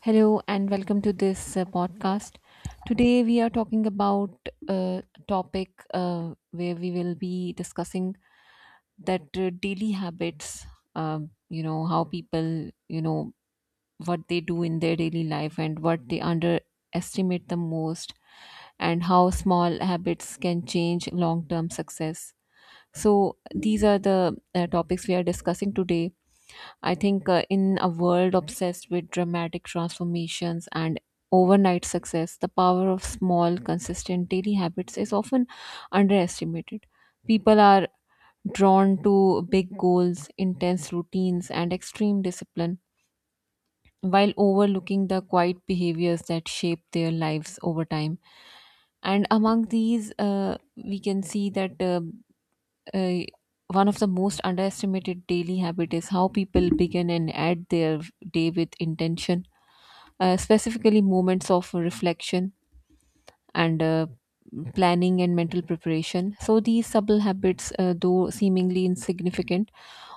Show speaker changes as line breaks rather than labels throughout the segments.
Hello and welcome to this podcast. Today we are talking about a topic where we will be discussing that daily habits, how people, what they do in their daily life and what they underestimate the most, and how small habits can change long term success. So, these are the topics we are discussing today. I think in a world obsessed with dramatic transformations and overnight success, the power of small, consistent daily habits is often underestimated. People are drawn to big goals, intense routines, and extreme discipline, while overlooking the quiet behaviors that shape their lives over time. And among these, we can see that. Uh, one of the most underestimated daily habit is how people begin and add their day with intention, specifically moments of reflection and planning and mental preparation. So these subtle habits, though seemingly insignificant,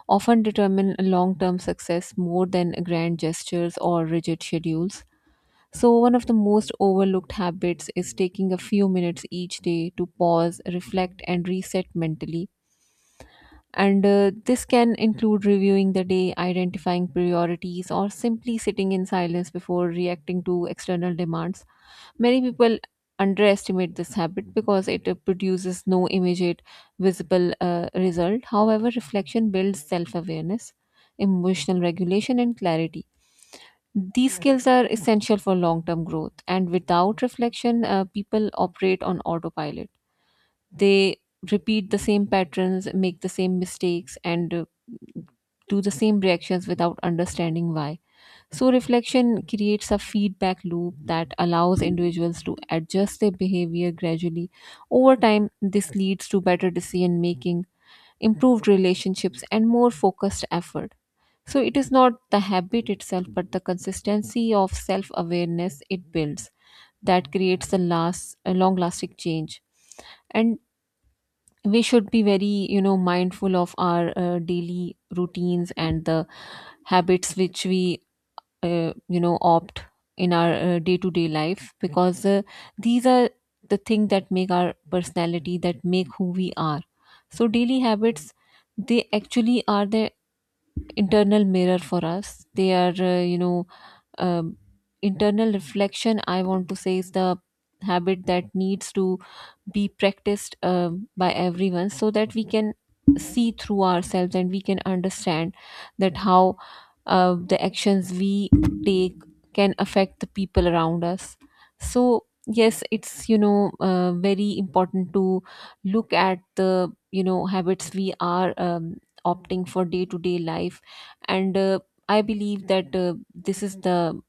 often determine long-term success more than grand gestures or rigid schedules. So one of the most overlooked habits is taking a few minutes each day to pause, reflect, and reset mentally. And this can include reviewing the day, identifying priorities, or simply sitting in silence before reacting to external demands. Many people underestimate this habit because it produces no immediate visible result. However, reflection builds self awareness, emotional regulation, and clarity. These skills are essential for long term growth, and without reflection, people operate on autopilot. They repeat the same patterns, make the same mistakes, and do the same reactions without understanding why. So, reflection creates a feedback loop that allows individuals to adjust their behavior gradually. Over time, this leads to better decision making, improved relationships, and more focused effort. So, it is not the habit itself, but the consistency of self awareness it builds that creates the last, long lasting change. And we should be very mindful of our daily routines and the habits which we opt in our day-to-day life, because these are the thing that make our personality, that make who we are. So daily habits, they actually are the internal mirror for us. They are um, internal reflection, I want to say, is the habit that needs to be practiced by everyone, so that we can see through ourselves and we can understand that how the actions we take can affect the people around us. So yes, it's very important to look at the habits we are opting for day to day life. And I believe that this is the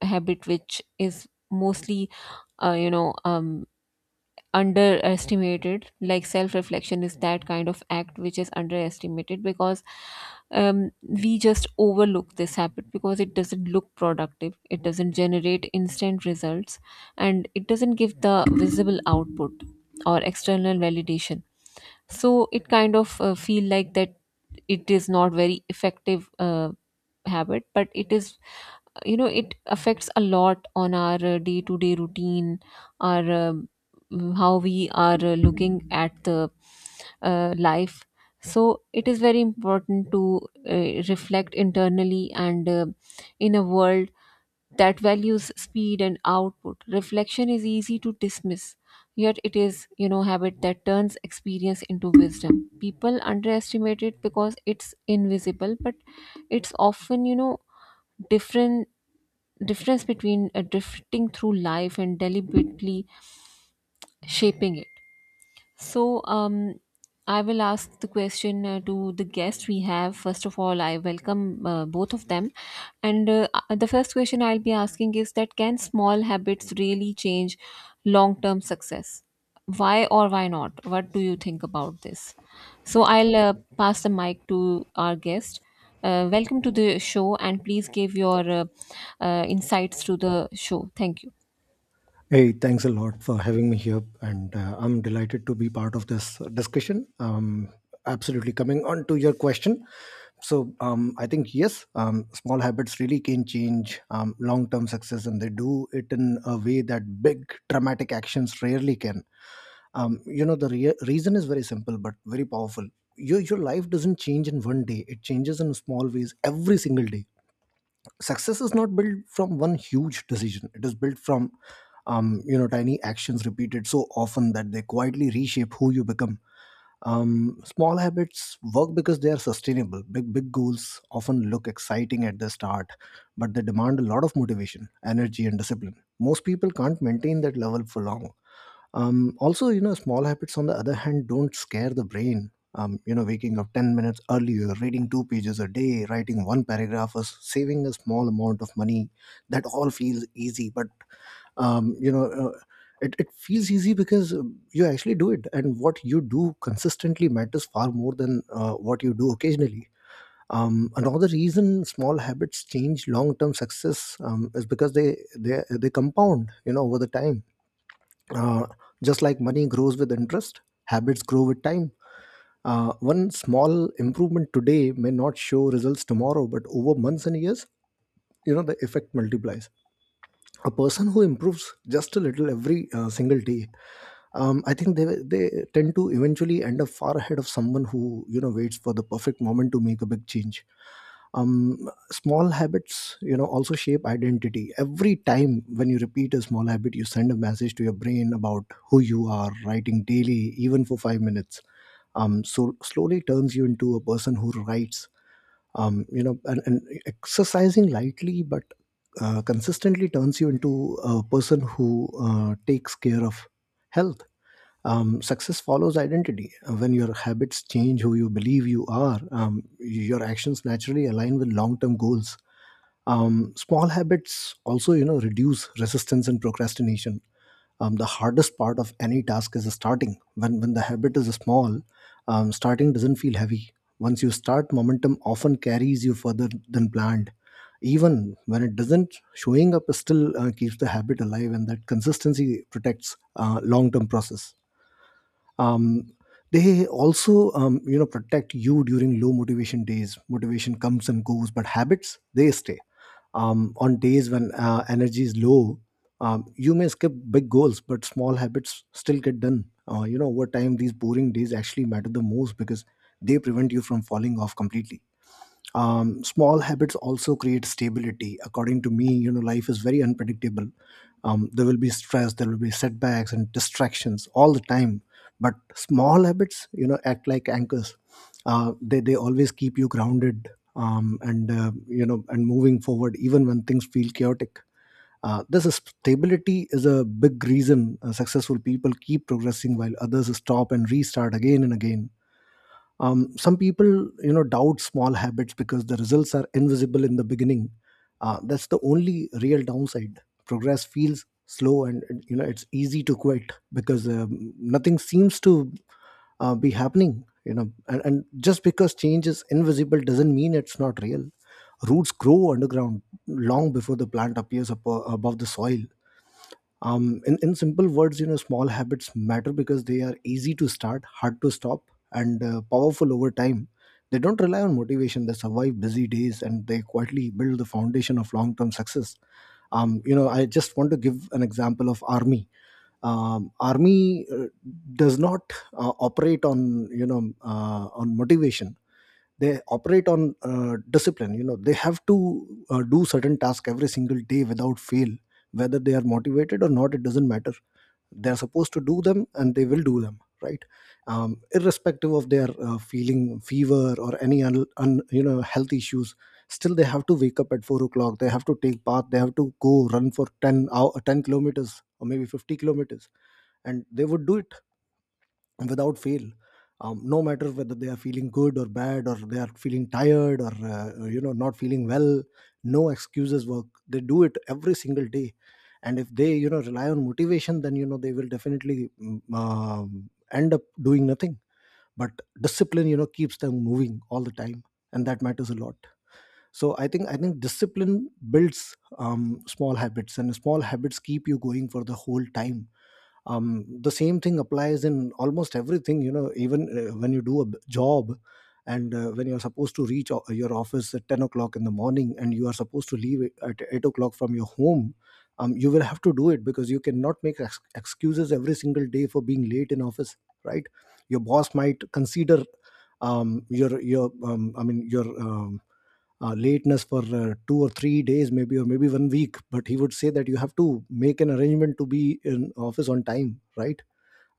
habit which is mostly uh, you know um, underestimated. Like, self reflection is that kind of act which is underestimated because we just overlook this habit because it doesn't look productive, it doesn't generate instant results, and it doesn't give the visible output or external validation. So it kind of feel like that it is not very effective habit, but it is, it affects a lot on our day to day routine, our how we are looking at the life. So it is very important to reflect internally. And in a world that values speed and output, reflection is easy to dismiss, yet it is, habit that turns experience into wisdom. People underestimate it because it's invisible, but it's often, different difference between drifting through life and deliberately shaping it. So, I will ask the question to the guests we have. First of all, I welcome both of them. And the first question I'll be asking is that can small habits really change long term success? Why or why not? What do you think about this? So, I'll pass the mic to our guest. Welcome to the show and please give your insights to the show. Thank you.
Hey, thanks a lot for having me here, and I'm delighted to be part of this discussion. Absolutely, coming on to your question, I think yes, small habits really can change long-term success, and they do it in a way that big dramatic actions rarely can. You know, the reason is very simple but very powerful. Your life doesn't change in 1 day; it changes in small ways every single day. Success is not built from one huge decision, it is built from you know, tiny actions repeated so often that they quietly reshape who you become. Small habits work because they are sustainable. Big goals often look exciting at the start, but they demand a lot of motivation, energy and discipline. Most people can't maintain that level for long. Also, you know, small habits on the other hand don't scare the brain. You know, waking up 10 minutes earlier, reading two pages a day, writing one paragraph, or saving a small amount of money, that all feels easy. But, um, you know, uh, it, it feels easy because you actually do it. And what you do consistently matters far more than what you do occasionally. Another reason small habits change long-term success is because they compound, you know, over the time. Uh, just like money grows with interest, habits grow with time. One small improvement today may not show results tomorrow, but over months and years, you know, the effect multiplies. A person who improves just a little every single day, I think they tend to eventually end up far ahead of someone who, you know, waits for the perfect moment to make a big change. Small habits, you know, also shape identity. Every time when you repeat a small habit, you send a message to your brain about who you are. Writing daily, even for 5 minutes, so slowly turns you into a person who writes. You know, and exercising lightly but consistently turns you into a person who takes care of health. Success follows identity. When your habits change who you believe you are, your actions naturally align with long-term goals. Small habits also, you know, reduce resistance and procrastination. The hardest part of any task is starting. When the habit is small, starting doesn't feel heavy. Once you start, momentum often carries you further than planned. Even when it doesn't, showing up still keeps the habit alive, and that consistency protects long-term process. um, they also, you know, protect you during low motivation days. Motivation comes and goes, but habits, they stay. On days when energy is low, you may skip big goals but small habits still get done. You know, over time these boring days actually matter the most, because they prevent you from falling off completely. Small habits also create stability. According to me, you know, life is very unpredictable. There will be stress, there will be setbacks and distractions all the time, but small habits, you know, act like anchors. They always keep you grounded and you know, and moving forward even when things feel chaotic. Uh, this is stability is a big reason successful people keep progressing while others stop and restart again and again. Some people, you know, doubt small habits because the results are invisible in the beginning. That's the only real downside. Progress feels slow, and you know, it's easy to quit because nothing seems to be happening. You know, and just because change is invisible doesn't mean it's not real. Roots grow underground long before the plant appears up above the soil. In simple words, you know, small habits matter because they are easy to start, hard to stop, and powerful over time. They don't rely on motivation, they survive busy days, and they quietly build the foundation of long-term success. You know, I just want to give an example of army. Army does not operate on, you know, on motivation. They operate on discipline. You know, they have to do certain task every single day without fail, whether they are motivated or not, it doesn't matter. They are supposed to do them and they will do them, right? Irrespective of their feeling fever or any you know, health issues, still they have to wake up at 4 o'clock, they have to take bath, they have to go run for 10 kilometers or maybe 50 kilometers, and they would do it without fail. No matter whether they are feeling good or bad, or they are feeling tired or you know, not feeling well, no excuses work. They do it every single day. And if they, you know, rely on motivation, then you know, they will definitely end up doing nothing. But discipline, you know, keeps them moving all the time, and that matters a lot. So I think discipline builds small habits, and small habits keep you going for the whole time. The same thing applies in almost everything. You know, even when you do a job, and when you're supposed to reach your office at 10 o'clock in the morning and you are supposed to leave it at 8 o'clock from your home, you will have to do it, because you cannot make excuses every single day for being late in office, right? Your boss might consider, your I mean your lateness for 2 or 3 days maybe, or maybe 1 week, but he would say that you have to make an arrangement to be in office on time, right?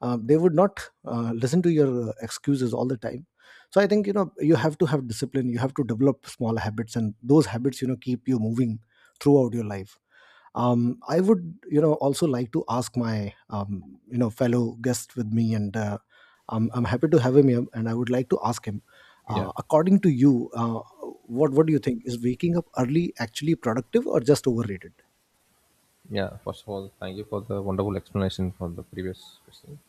They would not listen to your excuses all the time. So I think, you know, you have to have discipline, you have to develop small habits, and those habits, you know, keep you moving throughout your life. I would, you know, also like to ask my you know, fellow guest with me, and I'm happy to have him here, and I would like to ask him,
Yeah,
according to you, what do you think, is waking up early actually productive or just overrated?
yeah. First of all, thank you for the wonderful explanation for the previous question.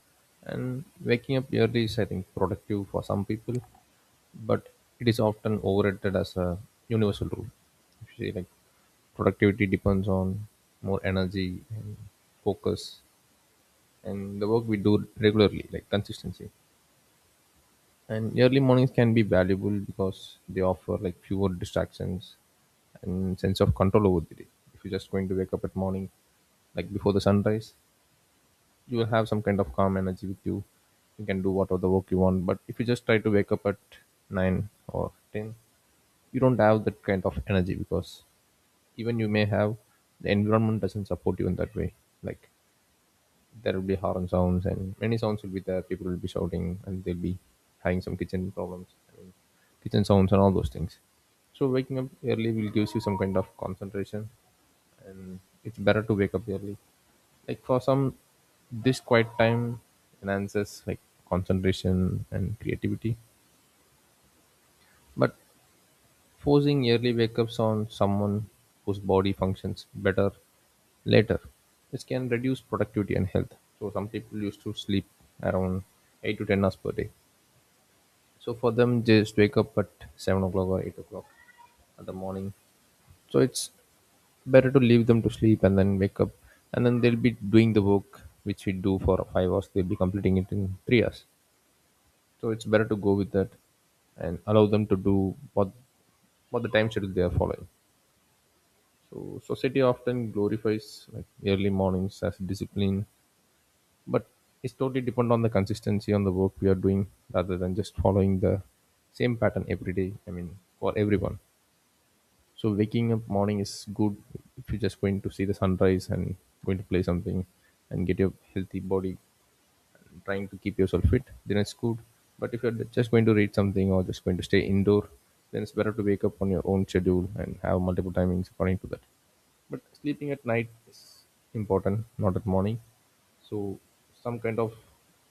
And waking up early is, I think, productive for some people, but it is often overrated as a universal rule. If you say like productivity depends on more energy and focus and the work we do regularly, like consistency. And early mornings can be valuable because they offer like fewer distractions and sense of control over the day. If you're just going to wake up at morning, like before the sunrise, you will have some kind of calm energy with you. You can do whatever the work you want. But if you just try to wake up at 9 or 10, you don't have that kind of energy because even you may have the environment doesn't support you in that way. Like there will be horn sounds and many sounds will be there. People will be shouting and they'll be having some kitchen problems, I mean, kitchen sounds and all those things. So waking up early will gives you some kind of concentration, and it's better to wake up early. Like for some, this quiet time enhances like concentration and creativity. But forcing early wake ups on someone whose body functions better later, this can reduce productivity and health. So some people used to sleep around 8 to 10 hours per day. So for them, just wake up at 7 o'clock or 8 o'clock in the morning. So it's better to leave them to sleep and then wake up, and then they'll be doing the work which we do for 5 hours. They'll be completing it in 3 hours. So it's better to go with that and allow them to do what the time schedule they are following. So society often glorifies like early mornings as discipline, but it's totally depend on the consistency on the work we are doing rather than just following the same pattern every day, I mean for everyone. So waking up morning is good if you're just going to see the sunrise and going to play something and get your healthy body and trying to keep yourself fit, then it's good. But if you're just going to read something or just going to stay indoor, then it's better to wake up on your own schedule and have multiple timings according to that. But sleeping at night is important, not at morning. So some kind of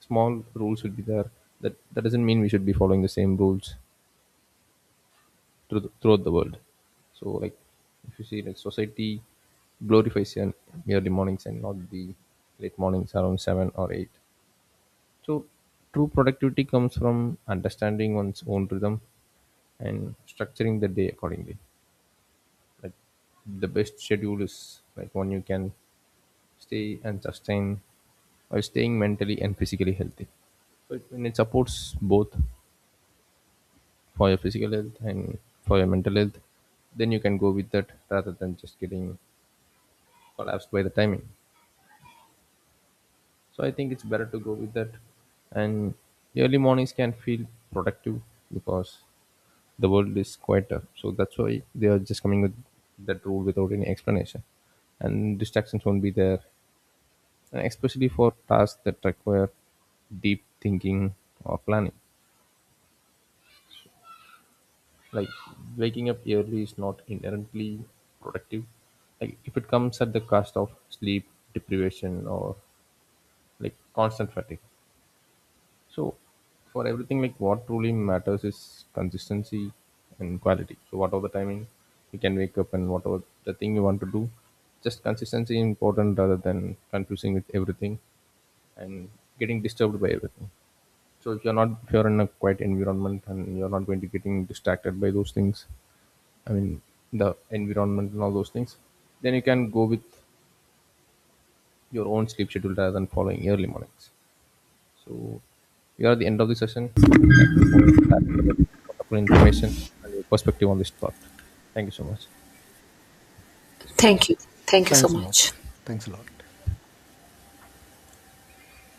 small rules should be there. That doesn't mean we should be following the same rules throughout the world. So like if you see like society glorifies an early mornings and not the late mornings around 7 or 8. So true productivity comes from understanding one's own rhythm and structuring the day accordingly. Like the best schedule is like one you can stay and sustain by staying mentally and physically healthy. So it, when it supports both for your physical health and for your mental health, then you can go with that rather than just getting collapsed by the timing. So I think it's better to go with that. And the early mornings can feel productive because the world is quieter. So that's why they are just coming with that rule without any explanation. And distractions won't be there, and especially for tasks that require deep thinking or planning, like waking up early is not inherently productive like if it comes at the cost of sleep deprivation or like constant fatigue. So for everything, like what truly matters is consistency and quality. So whatever the timing you can wake up and whatever the thing you want to do, just consistency important rather than confusing with everything and getting disturbed by everything. So if you're in a quiet environment and you're not going to getting distracted by those things, I mean the environment and all those things, then you can go with your own sleep schedule rather than following early mornings. So we are at the end of the session. Thank you for sharing your wonderful information and your perspective on this thought. Thank you so much.
Thank you. Thank you so
Thanks a lot.
much.
Thanks a lot.